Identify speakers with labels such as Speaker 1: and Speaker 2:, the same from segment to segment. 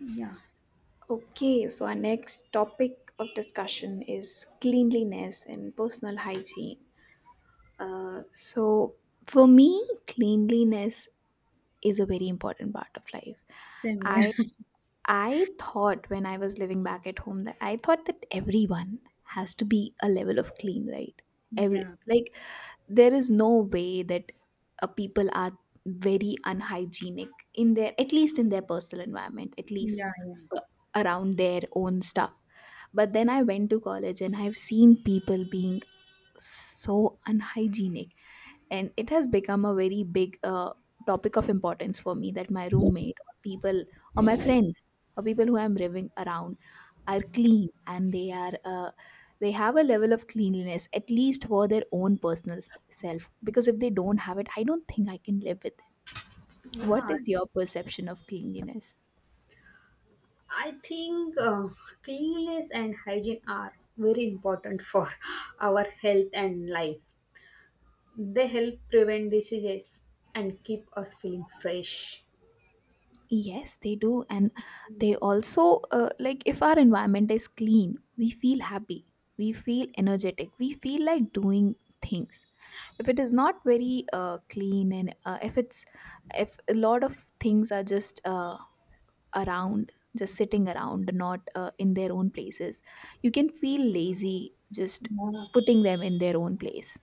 Speaker 1: Yeah,
Speaker 2: Okay, so our next topic of discussion is cleanliness and personal hygiene. Uh, so, for me, cleanliness is a very important part of life.
Speaker 1: same
Speaker 2: I
Speaker 1: here.
Speaker 2: I thought when I was living back at home that I thought that everyone has to be a level of clean, right? Every
Speaker 1: Yeah,
Speaker 2: like there is no way that people are very unhygienic in their at least in their personal environment, at least,
Speaker 1: yeah,
Speaker 2: uh, around their own stuff. But then I went to college, and I've seen people being so unhygienic, and it has become a very big topic of importance for me, that my roommate, or people, or my friends, or people who I'm living around, are clean, and they have a level of cleanliness, at least for their own personal self. Because if they don't have it, I don't think I can live with them. What
Speaker 1: yeah,
Speaker 2: is your perception of cleanliness?
Speaker 1: I think cleanliness and hygiene are very important for our health and life. They help prevent diseases and keep us feeling fresh.
Speaker 2: Yes, they do. And they also, like, if our environment is clean, we feel happy, we feel energetic, we feel like doing things. If it is not very clean, and if a lot of things are just around, just sitting around, not in their own places, you can feel lazy just
Speaker 1: Yeah,
Speaker 2: putting them in their own place.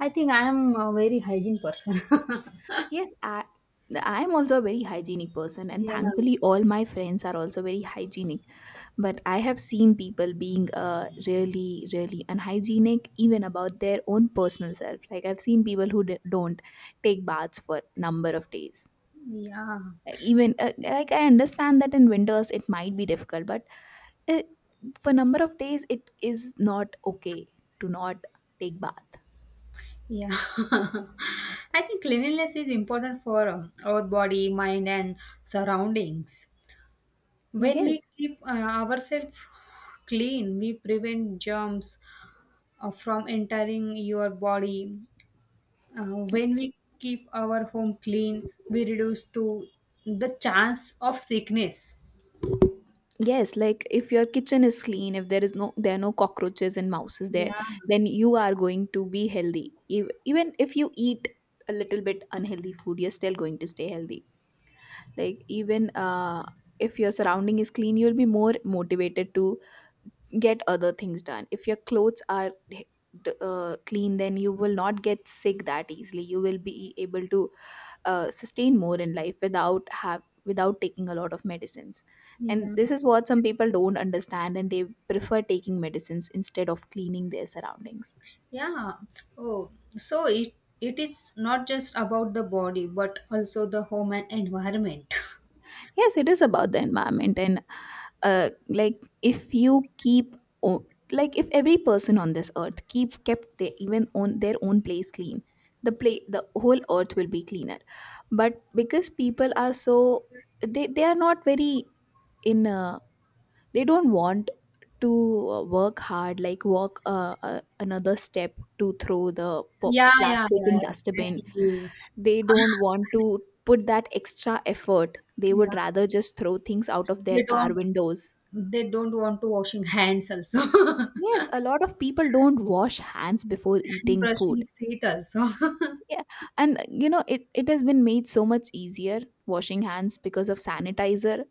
Speaker 1: I think I am a very hygiene person.
Speaker 2: Yes. I am also a very hygienic person, and
Speaker 1: Yeah,
Speaker 2: thankfully, all my friends are also very hygienic. But I have seen people being really, really unhygienic, even about their own personal self. Like, I've seen people who don't take baths for number of days.
Speaker 1: yeah,
Speaker 2: Even, like, I understand that in winters it might be difficult, but uh for number of days it is not okay to not take bath.
Speaker 1: yeah. I think cleanliness is important for our body, mind, and surroundings. When
Speaker 2: Yes,
Speaker 1: we keep ourselves clean, we prevent germs from entering your body. When we keep our home clean, we reduce to the chance of sickness.
Speaker 2: yes. Like, if your kitchen is clean, if there are no cockroaches and mouses there,
Speaker 1: Yeah,
Speaker 2: then you are going to be healthy. Even if you eat a little bit unhealthy food, you're still going to stay healthy. Like, even if your surrounding is clean, you'll be more motivated to get other things done. If your clothes are clean, then you will not get sick that easily. You will be able to sustain more in life without have without taking a lot of medicines. And
Speaker 1: yeah,
Speaker 2: this is what some people don't understand, and they prefer taking medicines instead of cleaning their surroundings.
Speaker 1: yeah. Oh, so it is not just about the body, but also the home and environment.
Speaker 2: Yes, it is about the environment. And like, if you o- like, if every person on this earth keep kept their, even on their own place, clean, the whole earth will be cleaner. But because people are so, they are not very, in they don't want to work hard, like walk another step to throw the
Speaker 1: Yeah, yeah,
Speaker 2: plastic
Speaker 1: yeah,
Speaker 2: in dustbin.
Speaker 1: exactly.
Speaker 2: They don't want to put that extra effort. They
Speaker 1: Yeah,
Speaker 2: would rather just throw things out of their
Speaker 1: they
Speaker 2: car
Speaker 1: don't
Speaker 2: windows.
Speaker 1: they don't want to washing hands also.
Speaker 2: Yes, a lot of people don't wash hands before
Speaker 1: And
Speaker 2: eating
Speaker 1: brushing
Speaker 2: food.
Speaker 1: your teeth also.
Speaker 2: Yeah. And it has been made so much easier washing hands because of sanitizer.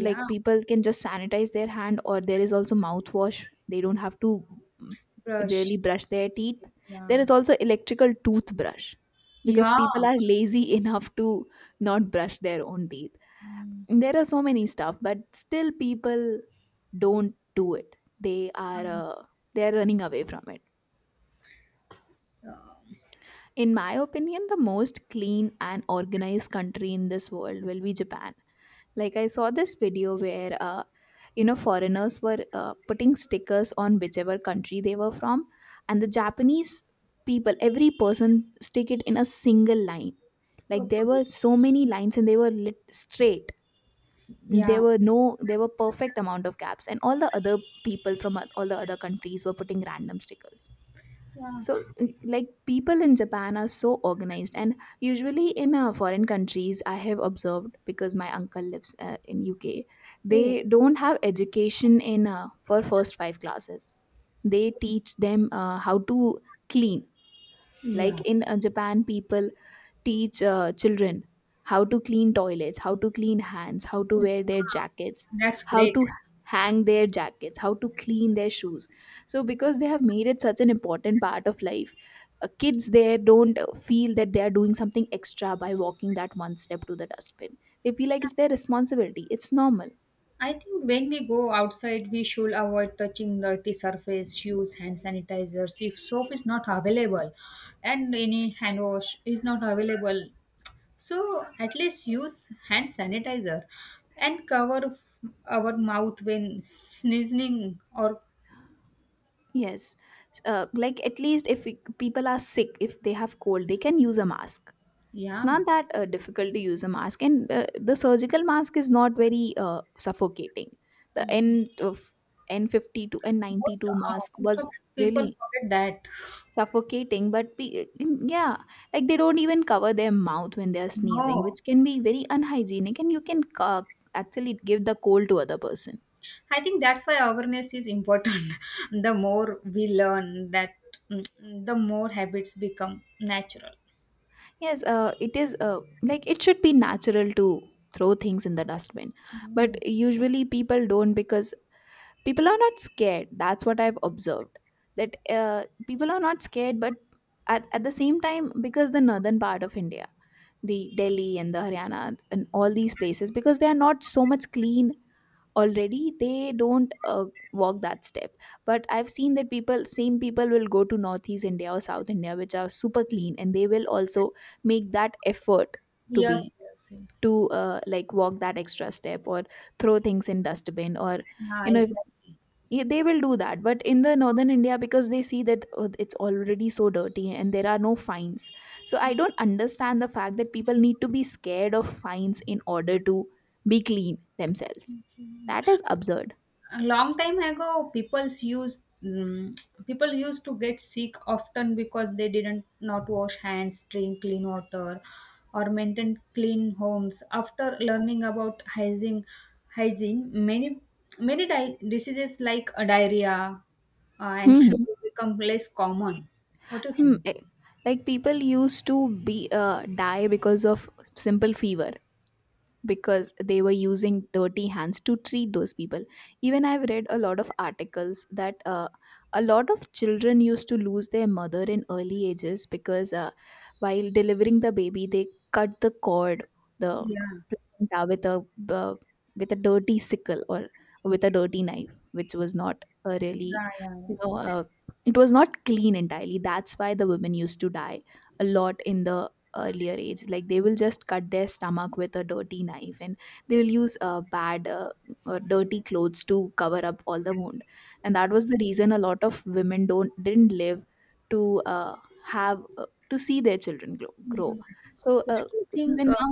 Speaker 2: Like, people can just sanitize their hand, or there is also mouthwash. They don't have to mm,
Speaker 1: brush.
Speaker 2: really brush their teeth. There
Speaker 1: Yeah.
Speaker 2: is also electrical toothbrush, because
Speaker 1: Yeah.
Speaker 2: people are lazy enough to not brush their own teeth.
Speaker 1: Mm.
Speaker 2: There are so many stuff, but still people don't do it. They are running away from it. In my opinion, the most clean and organized country in this world will be Japan. Like, I saw this video where foreigners were putting stickers on whichever country they were from. And the Japanese people, every person stick it in a single line. Like, there
Speaker 1: Okay.
Speaker 2: were so many lines, and they were lit straight. There
Speaker 1: Yeah.
Speaker 2: were no There were perfect amount of gaps, and all the other people from all the other countries were putting random stickers.
Speaker 1: Yeah.
Speaker 2: So, like, people in Japan are so organized. And usually in foreign countries, I have observed, because my uncle lives in UK,
Speaker 1: Oh,
Speaker 2: they don't have education in for first five classes. They teach them how to clean.
Speaker 1: yeah.
Speaker 2: Like, in Japan, people teach children how to clean toilets, how to clean hands, how to wear their jackets,
Speaker 1: That's
Speaker 2: how
Speaker 1: great.
Speaker 2: to hang their jackets, how to clean their shoes. So, because they have made it such an important part of life, kids there don't feel that they are doing something extra by walking that one step to the dustbin. They feel like it's their responsibility, it's normal.
Speaker 1: I think when we go outside, we should avoid touching dirty surface, use hand sanitizers if soap is not available and any hand wash is not available. So at least use hand sanitizer and cover our mouth when sneezing or
Speaker 2: Yes. Like, at least, if people are sick, if they have cold, they can use a mask. It's
Speaker 1: yeah.
Speaker 2: not that difficult to use a mask. And the surgical mask is not very suffocating. the
Speaker 1: Mm.
Speaker 2: n of N52
Speaker 1: Most,
Speaker 2: N92 mask
Speaker 1: most of
Speaker 2: was
Speaker 1: the people
Speaker 2: really
Speaker 1: forget that.
Speaker 2: suffocating. But yeah, like, they don't even cover their mouth when they are sneezing,
Speaker 1: No,
Speaker 2: which can be very unhygienic, and you can uh, actually give the cold to other person.
Speaker 1: I think that's why awareness is important. The more we learn, that mm, the more habits become natural.
Speaker 2: Yes, it is, like, it should be natural to throw things in the dustbin. But
Speaker 1: Yeah.
Speaker 2: usually people don't, because people are not scared, that's what I've observed. That people are not scared. But at the same time, because the northern part of India, the Delhi and the Haryana and all these places, because they are not so much clean already, they don't walk that step. But I've seen that people same people will go to Northeast India or South India, which are super clean, and they will also make that effort to be
Speaker 1: Yes, yes, yes.
Speaker 2: to like, walk that extra step, or throw things in dustbin, or
Speaker 1: Yeah,
Speaker 2: you know if
Speaker 1: exactly.
Speaker 2: yeah, they will do that. But in the northern India, because they see that it's already so dirty, and there are no fines. So, I don't understand the fact that people need to be scared of fines in order to be clean themselves. That is absurd.
Speaker 1: A long time ago people used to get sick often because they didn't not wash hands, drink clean water or maintain clean homes. After learning about hygiene, hygiene many many diseases like diarrhea and flu
Speaker 2: Hmm.
Speaker 1: become less common. What do you
Speaker 2: Hmm.
Speaker 1: think?
Speaker 2: Like, people used to be die because of simple fever, because they were using dirty hands to treat those people. Even I've read a lot of articles that a lot of children used to lose their mother in early ages, because while delivering the baby, they cut the cord, the
Speaker 1: Yeah.
Speaker 2: placenta, with a dirty sickle, or with a dirty knife, which was not a really,
Speaker 1: Yeah. Yeah.
Speaker 2: you know uh, it was not clean entirely. That's why the women used to die a lot in the earlier age. Like, they will just cut their stomach with a dirty knife, and they will use bad, or dirty clothes to cover up all the wound. And that was the reason a lot of women don't didn't live to have to see their children grow,
Speaker 1: Yeah,
Speaker 2: grow.
Speaker 1: yeah.
Speaker 2: So
Speaker 1: What do you think,
Speaker 2: even now,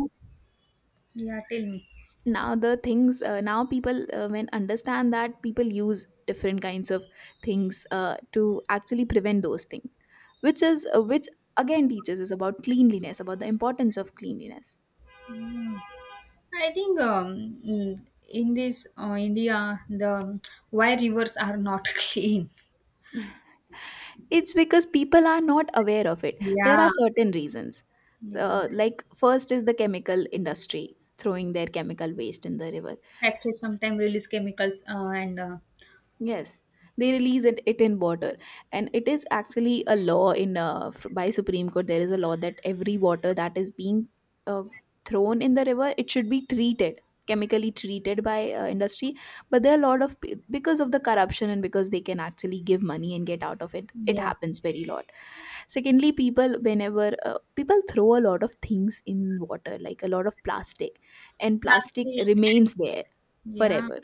Speaker 1: yeah, tell me.
Speaker 2: the things, now people when understand that people use different kinds of things to actually prevent those things, which is which again teaches us about cleanliness, about the importance of cleanliness.
Speaker 1: Yeah, I think in this India, the why rivers are not clean.
Speaker 2: It's because people are not aware of it. There are
Speaker 1: Yeah,
Speaker 2: certain reasons.
Speaker 1: yeah.
Speaker 2: Like, first is the chemical industry throwing their chemical waste in the river.
Speaker 1: Factories sometimes release chemicals and
Speaker 2: Yes, they release it in water. And it is actually a law in by Supreme Court. There is a law that every water that is being uh, thrown in the river, it should be treated, chemically treated by industry. But there are a lot of, because of the corruption and because they can actually give money and get out of it, it
Speaker 1: yeah,
Speaker 2: happens very lot. Secondly, people, whenever people throw a lot of things in water, like a lot of plastic, and plastic
Speaker 1: plastic
Speaker 2: remains
Speaker 1: and
Speaker 2: there
Speaker 1: yeah,
Speaker 2: forever.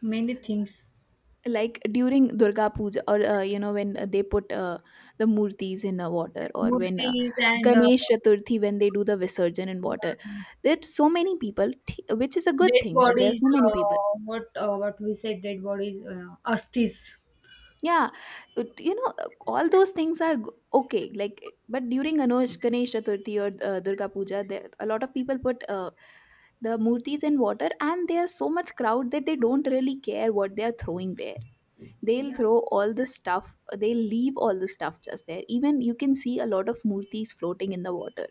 Speaker 1: many things,
Speaker 2: Like, during Durga Puja, or when they put the murtis in water, or when
Speaker 1: murtis and
Speaker 2: Ganesh Chaturthi, when they do the visarjan in water, there are so many people, which is a good
Speaker 1: dead
Speaker 2: thing that there are
Speaker 1: bodies.
Speaker 2: so many people.
Speaker 1: What we said, dead bodies, astis.
Speaker 2: Yeah, you know, all those things are okay. Like, but during Ganesh Chaturthi, or Durga Puja, there, a lot of people put the murtis in water, and there's so much crowd that they don't really care what they are throwing there. They'll
Speaker 1: Yeah.
Speaker 2: throw all the stuff. They'll leave all the stuff just there. Even you can see a lot of murtis floating in the water,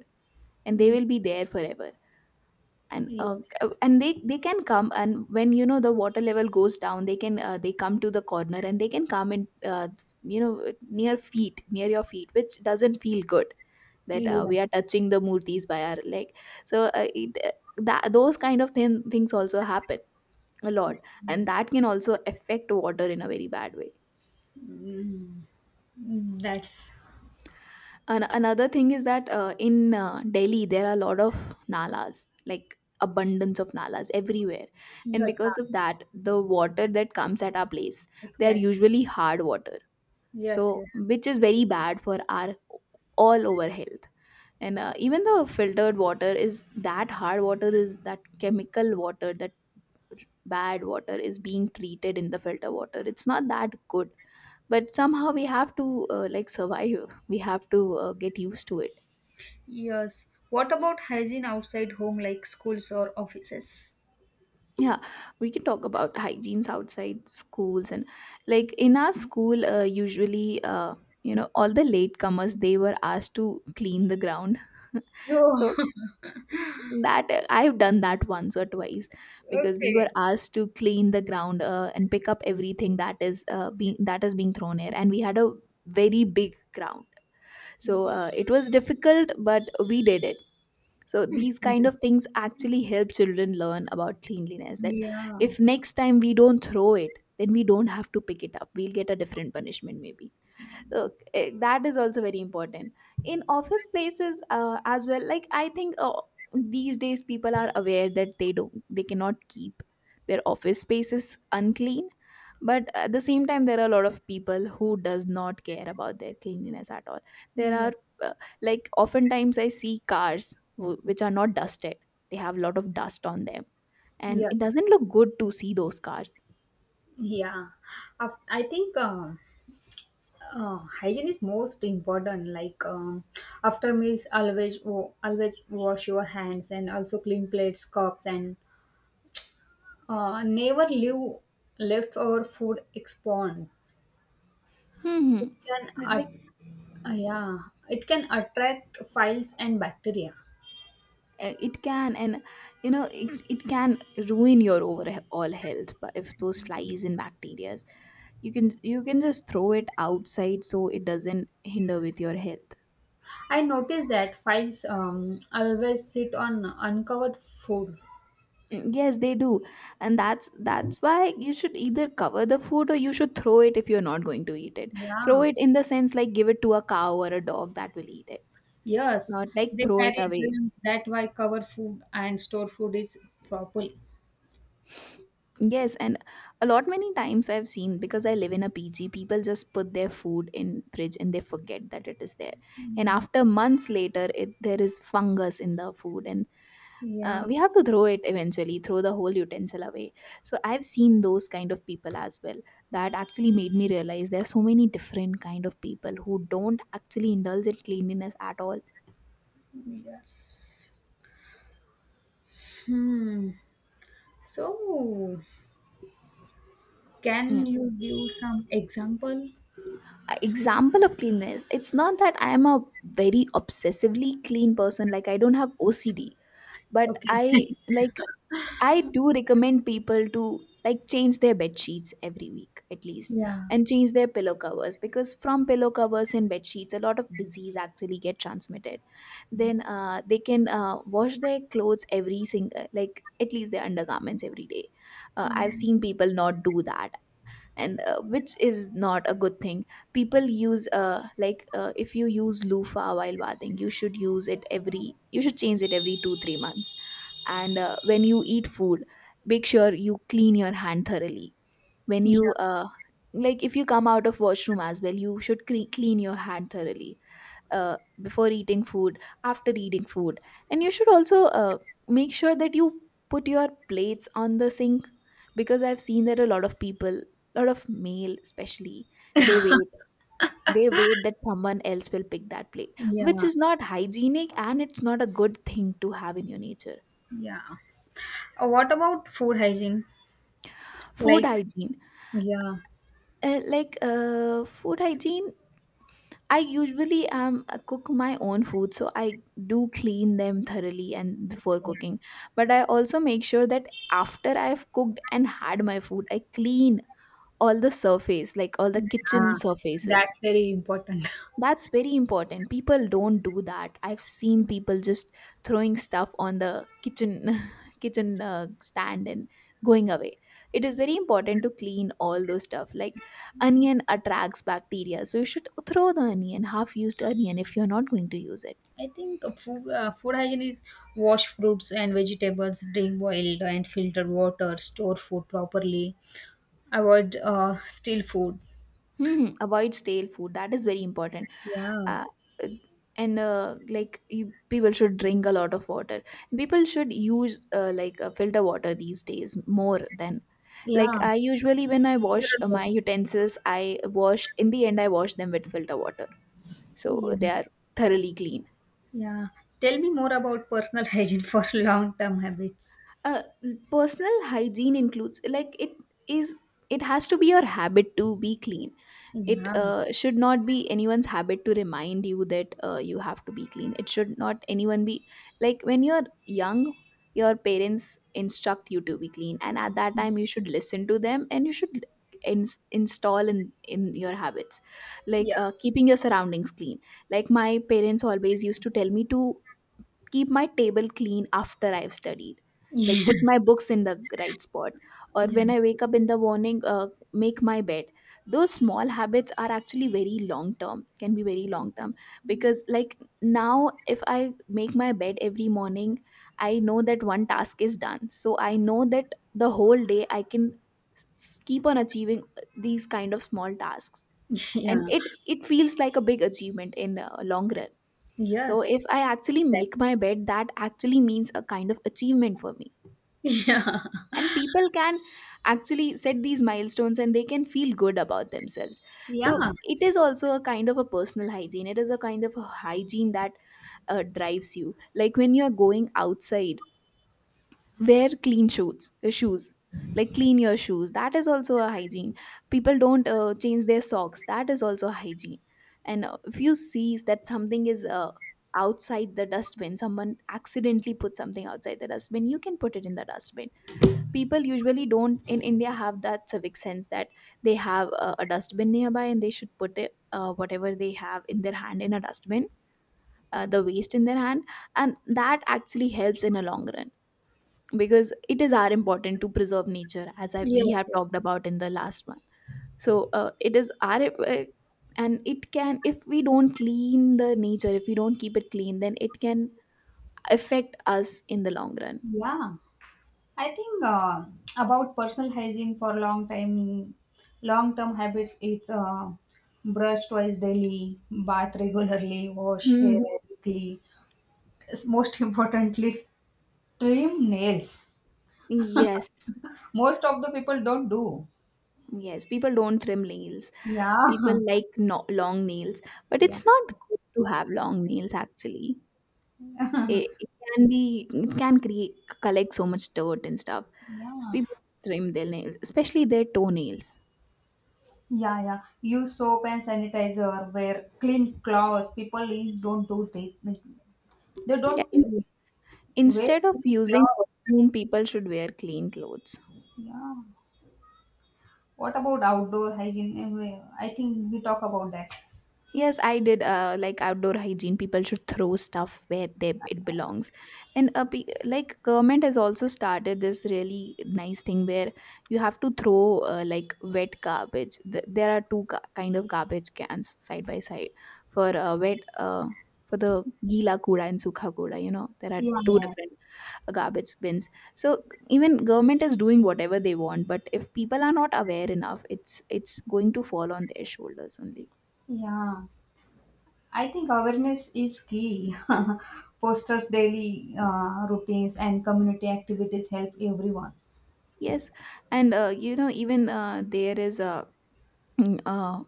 Speaker 2: and they
Speaker 1: Mm.
Speaker 2: will be there forever and uh, uh,
Speaker 1: Yes.
Speaker 2: and they they can come, and when the water level goes down they can, they come to the corner and they can come in near feet, near your feet, which doesn't feel good, that we are
Speaker 1: Yes.
Speaker 2: touching the murtis by our leg. So uh, it, uh, that those kind of things also happen a lot, and that can also affect water in a very bad way.
Speaker 1: Mm. That's
Speaker 2: Another thing is that, in Delhi there are a lot of nalas, like abundance of nalas everywhere, and
Speaker 1: the
Speaker 2: because
Speaker 1: tar.
Speaker 2: of that, the water that comes at our place, they are
Speaker 1: Exactly.
Speaker 2: usually hard water,
Speaker 1: Yes.
Speaker 2: so
Speaker 1: Yes. Yes.
Speaker 2: which is very bad for our all over health. And even the filtered water is that hard water, is that chemical water, that bad water is being treated in the filter water. It's not that good, but somehow we have to like survive. We have to get used to it.
Speaker 1: Yes. What about hygiene outside home, like schools or offices?
Speaker 2: Yeah, we can talk about hygienes outside schools and, like, in our school, usually all the latecomers, they were asked to clean the ground
Speaker 1: Oh,
Speaker 2: so that, I've done that once or twice, because we were
Speaker 1: okay.
Speaker 2: asked to clean the ground and pick up everything that is being that is being thrown here, and we had a very big ground, so it was difficult, but we did it. So these kind of things actually help children learn about cleanliness, that
Speaker 1: Yeah.
Speaker 2: if next time we don't throw it, then we don't have to pick it up. We'll get a different punishment maybe. That is also very important. In office places as well, like, I think, these days people are aware that they cannot keep their office spaces unclean, but at the same time there are a lot of people who does not care about their cleanliness at all. There
Speaker 1: Yeah.
Speaker 2: are, uh, like, oftentimes I see cars which are not dusted. They have a lot of dust on them, and it doesn't
Speaker 1: Yes.
Speaker 2: look good to see those cars.
Speaker 1: Yeah. I think hygiene is most important. Like after meals, always wash your hands and also clean plates, cups, and never leave leftover food exposed.
Speaker 2: Hmm.
Speaker 1: It can ah, yeah, it can attract files and bacteria.
Speaker 2: It can, and it can ruin your overall health, but if those flies and bacteria, you can just throw it outside, so it doesn't hinder with your health.
Speaker 1: I noticed that files always sit on uncovered floors.
Speaker 2: Mm, yes they do, and that's why you should either cover the food, or you should throw it if you're not going to eat it. Throw
Speaker 1: Yeah,
Speaker 2: it in the sense, like, give it to a cow or a dog that will eat it,
Speaker 1: yes,
Speaker 2: not like
Speaker 1: they
Speaker 2: throw it
Speaker 1: carry
Speaker 2: away.
Speaker 1: germs. That why cover food and store food is properly.
Speaker 2: Yes, and a lot many times I've seen, because I live in a PG, people just put their food in fridge and they forget that it is there. And
Speaker 1: Mm.
Speaker 2: after months later, it there is fungus in the food, and
Speaker 1: Yeah,
Speaker 2: we have to throw it eventually, throw the whole utensil away. So I've seen those kind of people as well. That actually made me realize there are so many different kind of people who don't actually indulge in cleanliness at all.
Speaker 1: yes. Hmm. So,
Speaker 2: Yeah.
Speaker 1: can you give some example?
Speaker 2: A example of cleanliness, it's not that I am a very obsessively clean person, like I don't have OCD, but
Speaker 1: Okay.
Speaker 2: I like, I do recommend people to, like, change their bed sheets every week at least,
Speaker 1: Yeah.
Speaker 2: and change their pillow covers, because from pillow covers and bed sheets a lot of disease actually get transmitted. Then they can wash their clothes every single, like at least their undergarments, every day. I've
Speaker 1: Yeah.
Speaker 2: seen people not do that, and which is not a good thing. People use, if you use loofah while bathing, you should use it every, you should change it every 2 3 months. And when you eat food, make sure you clean your hand thoroughly. When you
Speaker 1: Yeah.
Speaker 2: like, if you come out of washroom as well, you should clean your hand thoroughly, before eating food, after eating food. And you should also, make sure that you put your plates on the sink, because I've seen that a lot of people, a lot of male especially, they wait they wait that someone else will pick that plate, which
Speaker 1: Yeah.
Speaker 2: is not hygienic and it's not a good thing to have in your nature.
Speaker 1: Yeah. What about food hygiene?
Speaker 2: Food
Speaker 1: Like
Speaker 2: hygiene.
Speaker 1: yeah.
Speaker 2: Food hygiene, I usually cook my own food, so I do clean them thoroughly and before cooking. But I also make sure that after I've cooked and had my food, I clean all the surface, like all the kitchen
Speaker 1: Yeah.
Speaker 2: surfaces.
Speaker 1: That's very important.
Speaker 2: That's very important. People don't do that. I've seen people just throwing stuff on the kitchen kitchen stand and going away. It is very important to clean all those stuff. Like onion attracts bacteria, so you should throw the onion, half used onion, if you're not going to use it.
Speaker 1: I think food hygiene is wash fruits and vegetables, drink boiled and filtered water, store food properly, avoid stale food.
Speaker 2: Hmm. Avoid stale food. That is very important.
Speaker 1: Yeah.
Speaker 2: Uh, uh, People should drink a lot of water. People should use, filter water these days more than, like,
Speaker 1: Yeah.
Speaker 2: I usually, when I wash
Speaker 1: Filtered
Speaker 2: my
Speaker 1: water.
Speaker 2: utensils, I wash, in the end I wash them with filter water, so they are
Speaker 1: Yes.
Speaker 2: thoroughly clean.
Speaker 1: Yeah. Tell me more about personal hygiene for long term habits.
Speaker 2: uh, Personal hygiene includes, like, it is, it has to be your habit to be clean. It
Speaker 1: Yeah.
Speaker 2: should not be anyone's habit to remind you that you have to be clean. It should not anyone be, like, when you're young, your parents instruct you to be clean, and at that time you should listen to them and you should ins install in your habits, like,
Speaker 1: Yeah.
Speaker 2: keeping your surroundings clean. Like, my parents always used to tell me to keep my table clean after I've studied, like put
Speaker 1: Yes.
Speaker 2: my books in the right spot, or
Speaker 1: Yeah.
Speaker 2: when I wake up in the morning, make my bed. Those small habits are actually very long term, can be very long term. Because, like, now if I make my bed every morning, I know that one task is done. So I know that the whole day I can s- keep on achieving these kind of small tasks, and
Speaker 1: Yeah.
Speaker 2: it feels like a big achievement in long run. So
Speaker 1: Yes.
Speaker 2: if I actually
Speaker 1: That-
Speaker 2: make my bed, that actually means a kind of achievement for me.
Speaker 1: Yeah.
Speaker 2: And people can actually set these milestones and they can feel good about themselves.
Speaker 1: Yeah.
Speaker 2: So it is also a kind of a personal hygiene. It is a kind of a hygiene that drives you. Like when you're going outside, wear clean shoes, like clean your shoes, that is also a hygiene. People don't change their socks, that is also hygiene. And if you see that something is outside the dustbin, someone accidentally put something outside the dustbin, you can put it in the dustbin. People usually don't in India have that civic sense, that they have a dustbin nearby and they should put it, whatever they have in their hand, in a dustbin, the waste in their hand. And that actually helps in a long run, because it is our important to preserve nature, as we
Speaker 1: Yes.
Speaker 2: have
Speaker 1: Yes.
Speaker 2: talked about
Speaker 1: Yes.
Speaker 2: in the last one. So it is our and it can, if we don't clean the nature, if we don't keep it clean, then it can affect us in the long run.
Speaker 1: Yeah. I think about personal hygiene for long term habits. It's brush twice daily, bath regularly, wash hair
Speaker 2: Hmm.
Speaker 1: weekly. It's most importantly, trim nails.
Speaker 2: Yes.
Speaker 1: Most of the people don't do.
Speaker 2: Yes. People don't trim nails. People
Speaker 1: Yeah,
Speaker 2: like long nails, but
Speaker 1: yeah,
Speaker 2: it's not good to have long nails actually. It can be, it can create collect so much dirt and stuff. So
Speaker 1: yeah,
Speaker 2: people trim their nails, especially their toenails.
Speaker 1: yeah, yeah. Use soap and sanitizer. Wear clean clothes. People is don't do they. They
Speaker 2: Yeah,
Speaker 1: don't wear
Speaker 2: instead of
Speaker 1: clean
Speaker 2: using
Speaker 1: clothes.
Speaker 2: perfume, people should wear clean clothes.
Speaker 1: Yeah. What about outdoor hygiene? Eh, I think we talk about that.
Speaker 2: Yes, I did. Like outdoor hygiene, people should throw stuff where they it belongs, and like government has also started this really nice thing where you have to throw, like, wet garbage. There are two kind of garbage cans side by side for wet for the gila kuda and sukha kuda. You know there are
Speaker 1: Yeah,
Speaker 2: two
Speaker 1: yeah.
Speaker 2: different garbage bins, so even government is doing whatever they want, but if people are not aware enough, it's going to fall on their shoulders only.
Speaker 1: Yeah. I think awareness is key. Posters, daily routines, and community activities help everyone.
Speaker 2: Yes, and, you know even there is a, mm, uh,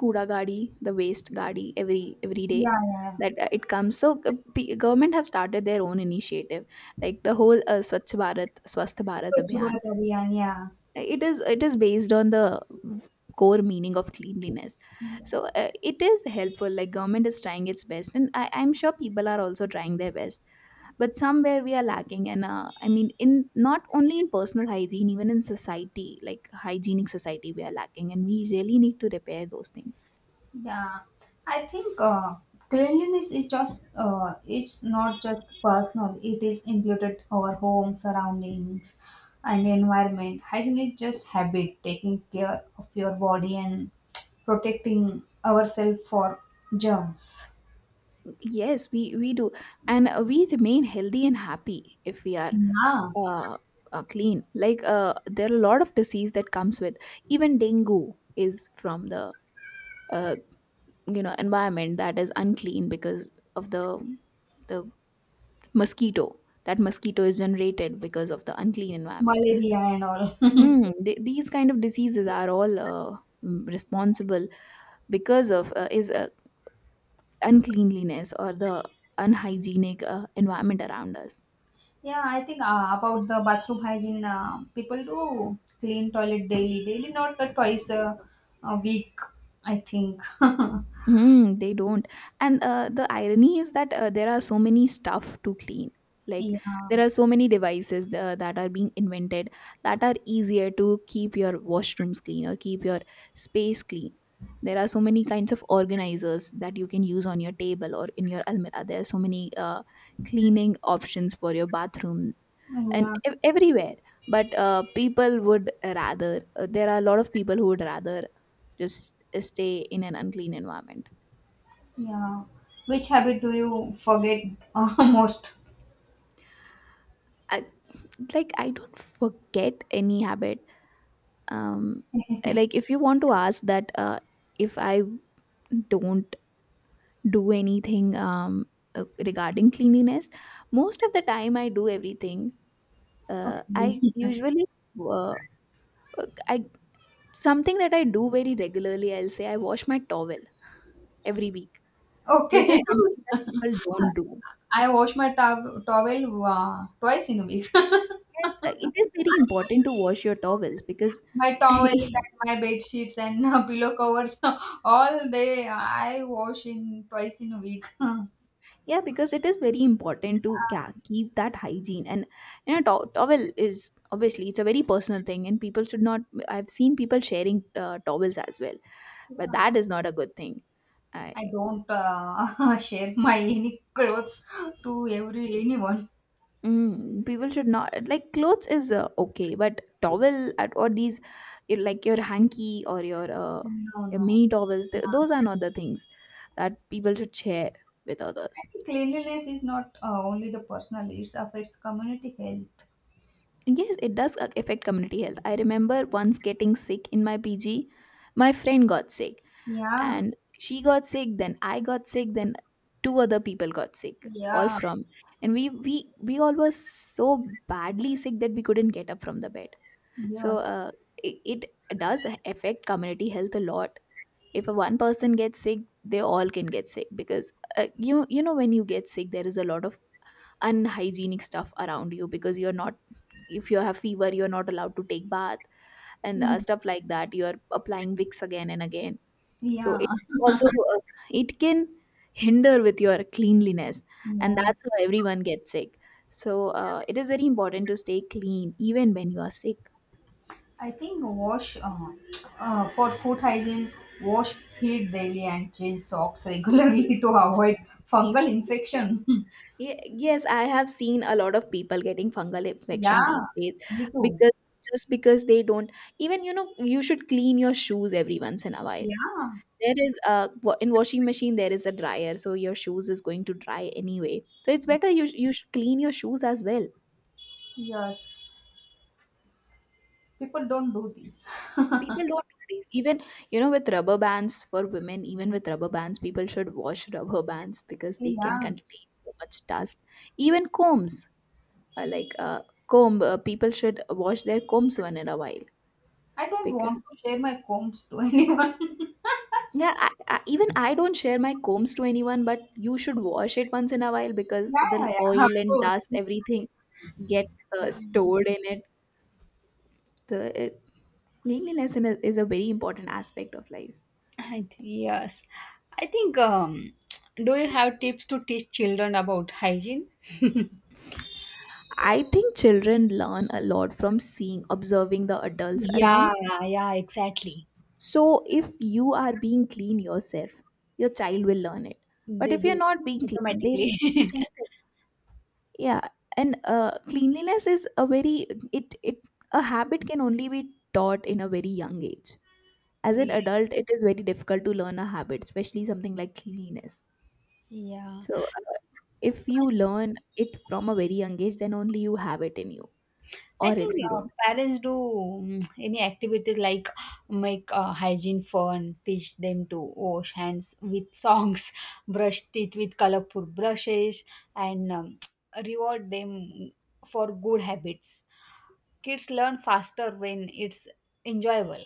Speaker 2: kuda gadi, the waste gadi, every day
Speaker 1: Yeah, yeah. Yeah.
Speaker 2: that it comes. So, government have started their own initiative, like the whole swachh bharat swasth bharat
Speaker 1: Swachh
Speaker 2: abhiyan.
Speaker 1: Bharat Abhiyan, yeah.
Speaker 2: It is based on the core meaning of cleanliness. So it is helpful, like government is trying its best, and I'm sure people are also trying their best, but somewhere we are lacking. And I mean, in not only in personal hygiene, even in society, like hygienic society, we are lacking, and we really need to repair those things.
Speaker 1: Yeah, I think cleanliness is just it's not just personal. It is included our home surroundings and environment. Hygiene is just habit, taking care of your body and protecting ourselves for germs.
Speaker 2: Yes, we do, and we remain healthy and happy if we are,
Speaker 1: Yeah,
Speaker 2: uh, clean. Like there are a lot of disease that comes with, even dengue is from the, uh, environment that is unclean, because of the, the mosquito. That mosquito is generated because of the unclean environment.
Speaker 1: malaria and all.
Speaker 2: Hmm. These kind of diseases are all responsible because of is uncleanliness or the unhygienic environment around us.
Speaker 1: Yeah, I think about the bathroom hygiene, people do clean toilet daily, not twice a week. I think.
Speaker 2: Mm, they don't. And the irony is that there are so many stuff to clean. Like
Speaker 1: Yeah.
Speaker 2: there are so many devices that are being invented that are easier to keep your washrooms clean or keep your space clean. There are so many kinds of organizers that you can use on your table or in your almirah. There are so many cleaning options for your bathroom and
Speaker 1: Yeah,
Speaker 2: everywhere. But people would rather, there are a lot of people who would rather just stay in an unclean environment.
Speaker 1: yeah. Which habit do you forget, most?
Speaker 2: I, like I don't forget any habit. um like if you want to ask that if I don't do anything, regarding cleanliness, most of the time I do everything. I
Speaker 1: Okay.
Speaker 2: usually, uh, I, something that I do very regularly, I'll say I wash my towel every week, which is
Speaker 1: Okay.
Speaker 2: something that people don't do.
Speaker 1: I wash my towel twice in a week.
Speaker 2: Yes, it is very important to wash your towels because
Speaker 1: My towels and my bed sheets and pillow covers, all they I wash in twice in a week. I
Speaker 2: yeah, because it is very important to keep that hygiene. And you know, towel is obviously it's a very personal thing, and people should not. I've seen people sharing towels as well, but that is not a good thing. I,
Speaker 1: don't share my any clothes to every anyone.
Speaker 2: people should not, like clothes is okay, but towel at, or these, like your hanky or
Speaker 1: No,
Speaker 2: your
Speaker 1: no.
Speaker 2: mini towels, those are not the things that people should share with others.
Speaker 1: I think cleanliness is not only the personal; it affects community health.
Speaker 2: Yes, it does affect community health. I remember once getting sick in my PG. My friend got sick,
Speaker 1: Yeah,
Speaker 2: and she got sick, then I got sick, then two other people got sick, all
Speaker 1: yeah.
Speaker 2: from. And we all were so badly sick that we couldn't get up from the bed. So
Speaker 1: Yes.
Speaker 2: it does affect community health a lot. If a one person gets sick, they all can get sick because you you know when you get sick, there is a lot of unhygienic stuff around you because you're not, if you have fever you're not allowed to take bath and
Speaker 1: Ye-
Speaker 2: stuff like that, you're applying Vicks again and again, so
Speaker 1: Yeah.
Speaker 2: it also, uh, it can hinder with your cleanliness, and
Speaker 1: Yeah.
Speaker 2: that's how everyone gets sick. So it is very important to stay clean even when you are sick.
Speaker 1: I think wash for food hygiene, wash feet daily and change socks regularly to avoid fungal infection.
Speaker 2: Yes, I have seen a lot of people getting fungal infection
Speaker 1: Yeah.
Speaker 2: these days,
Speaker 1: Me too.
Speaker 2: because just because they don't, even you know you should clean your shoes every once in a while.
Speaker 1: Yeah.
Speaker 2: There is a in washing machine there is a dryer, so your shoes is going to dry anyway, so it's better you, you should clean your shoes as well.
Speaker 1: Yes. People don't do this.
Speaker 2: People don't do this, even you know with rubber bands, for women even with rubber bands people should wash rubber bands, because they can
Speaker 1: Yeah.
Speaker 2: contain so much dust. Even combs, uh, like uh, comb, people should wash their combs one in a while
Speaker 1: I don't
Speaker 2: because
Speaker 1: want to share my combs to anyone.
Speaker 2: yeah, even I don't share my combs to anyone, but you should wash it once in a while because
Speaker 1: Yeah,
Speaker 2: the
Speaker 1: yeah, yeah. Of
Speaker 2: oil and dust,
Speaker 1: course.
Speaker 2: everything get stored in it. The, it Cleanliness is a very important aspect of life.
Speaker 1: Yes. I think, do you have tips to teach children about hygiene?
Speaker 2: I think children learn a lot from seeing, observing the adults
Speaker 1: Yeah,
Speaker 2: around.
Speaker 1: yeah, exactly.
Speaker 2: So if you are being clean yourself, your child will learn it. But
Speaker 1: They
Speaker 2: if you're
Speaker 1: do
Speaker 2: not being clean, they will
Speaker 1: automatically.
Speaker 2: learn the same thing. Yeah, and cleanliness is a very, it a habit can only be taught in a very young age. As an
Speaker 1: Yeah.
Speaker 2: adult, it is very difficult to learn a habit, especially something like cleanliness.
Speaker 1: Yeah.
Speaker 2: So if
Speaker 1: I,
Speaker 2: you learn it from a very young age then only you have it in you,
Speaker 1: I
Speaker 2: or
Speaker 1: think
Speaker 2: else you don't.
Speaker 1: parents do any activities like make hygiene fun, teach them to wash hands with songs, brush teeth with colorful brushes, and reward them for good habits. Kids learn faster when it's enjoyable.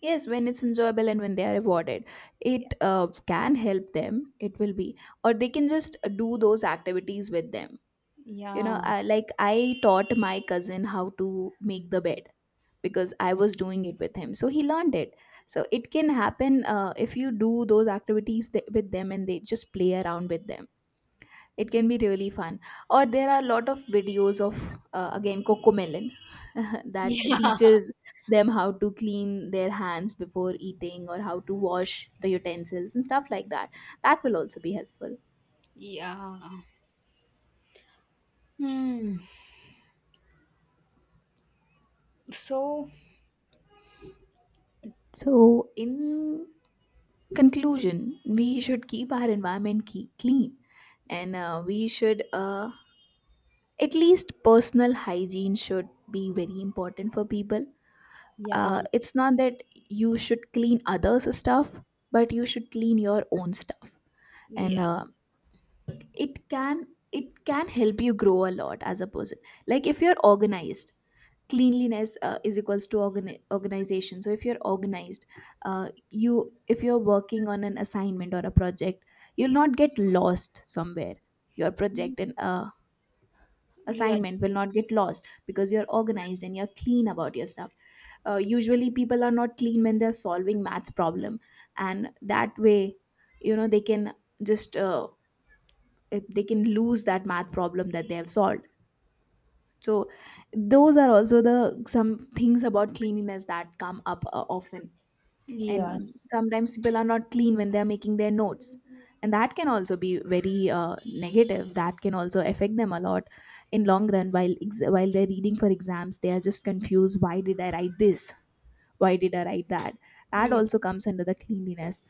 Speaker 2: Yes, when it's enjoyable and when they are rewarded,
Speaker 1: Yeah.
Speaker 2: it can help them. It will be, or they can just do those activities with them. You know,
Speaker 1: Yeah.
Speaker 2: like I taught my cousin how to make the bed because I was doing it with him, so he learned it. So it can happen if you do those activities with them and they just play around with them, it can be really fun. Or there are a lot of videos of, again, Cocomelon that
Speaker 1: Yeah.
Speaker 2: teaches them how to clean their hands before eating or how to wash the utensils and stuff like that. That will also be helpful.
Speaker 1: Yeah. Hmm. So,
Speaker 2: So in conclusion, we should keep our environment clean, and we should, at least personal hygiene should be very important for people.
Speaker 1: yeah,
Speaker 2: It's not that you should clean others stuff, but you should clean your own stuff. And
Speaker 1: yeah,
Speaker 2: it can it can help you grow a lot as a person. Like if you're organized, cleanliness is equals to organization, so if you're organized, you, if you're working on an assignment or a project, you'll not get lost somewhere, your project and
Speaker 1: yes,
Speaker 2: assignment will not get lost because you're organized and you're clean about your stuff. Usually people are not clean when they're solving maths problem, and that way you know they can just, they can lose that math problem that they have solved. So those are also the, some things about cleanliness that come up often. And
Speaker 1: yes.
Speaker 2: sometimes people are not clean when they are making their notes, and that can also be very negative, that can also affect them a lot in long run. While while they're reading for exams, they are just confused, why did I write this, why did I write that. That
Speaker 1: Yeah.
Speaker 2: also comes under the cleanliness.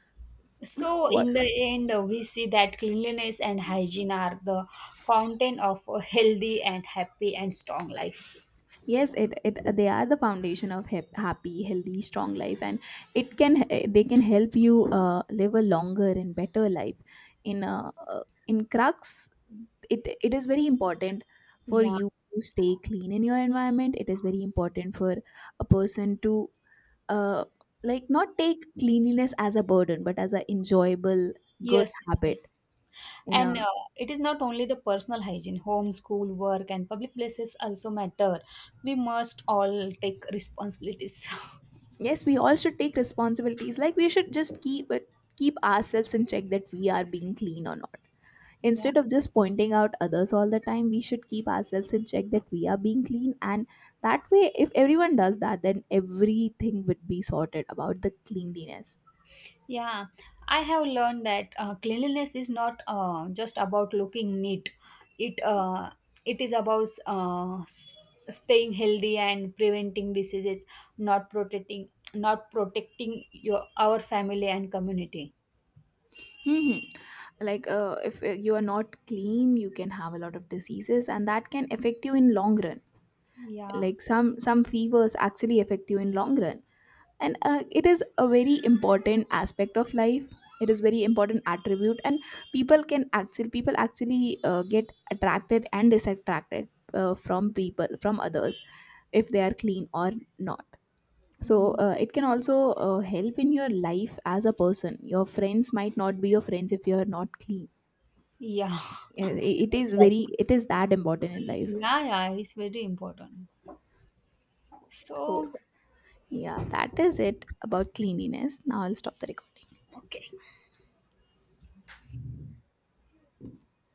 Speaker 1: So
Speaker 2: What?
Speaker 1: in the end, we see that cleanliness and hygiene are the fountain of a healthy and happy and strong life.
Speaker 2: Yes it they are the foundation of happy healthy strong life, and it can they can help you live a longer and better life. In in crux, it is very important for
Speaker 1: Yeah,
Speaker 2: you to stay clean in your environment. It is very important for a person to, uh like not take cleanliness as a burden but as an enjoyable good
Speaker 1: yes, yes,
Speaker 2: habit.
Speaker 1: yes.
Speaker 2: In a,
Speaker 1: And it is not only the personal hygiene, home, school, work, and public places also matter. We must all take responsibilities.
Speaker 2: yes, we all should take responsibilities, like we should just keep ourselves in check that we are being clean or not,
Speaker 1: Yeah.
Speaker 2: instead of just pointing out others all the time. We should keep ourselves in check that we are being clean, and that way if everyone does that then everything would be sorted about the cleanliness.
Speaker 1: Yeah, I have learned that cleanliness is not just about looking neat. It uh, it is about staying healthy and preventing diseases, not protecting your our family and community.
Speaker 2: Hmm. Like if you are not clean, you can have a lot of diseases, and that can affect you in long run.
Speaker 1: Yeah.
Speaker 2: Like some fevers actually affect you in long run, and it is a very important aspect of life. It is very important attribute, and people can actually, people actually get attracted and disattracted from people, from others, if they are clean or not. So
Speaker 1: Mhm.
Speaker 2: it can also help in your life as a person. Your friends might not be your friends if you're not clean.
Speaker 1: Yeah.
Speaker 2: Uh, i- it is very,
Speaker 1: Exactly.
Speaker 2: it is that important in life.
Speaker 1: Yeah, yeah, it's very important.
Speaker 2: So
Speaker 1: So,
Speaker 2: yeah, that is it about cleanliness. Now I'll stop the recording.
Speaker 1: okay.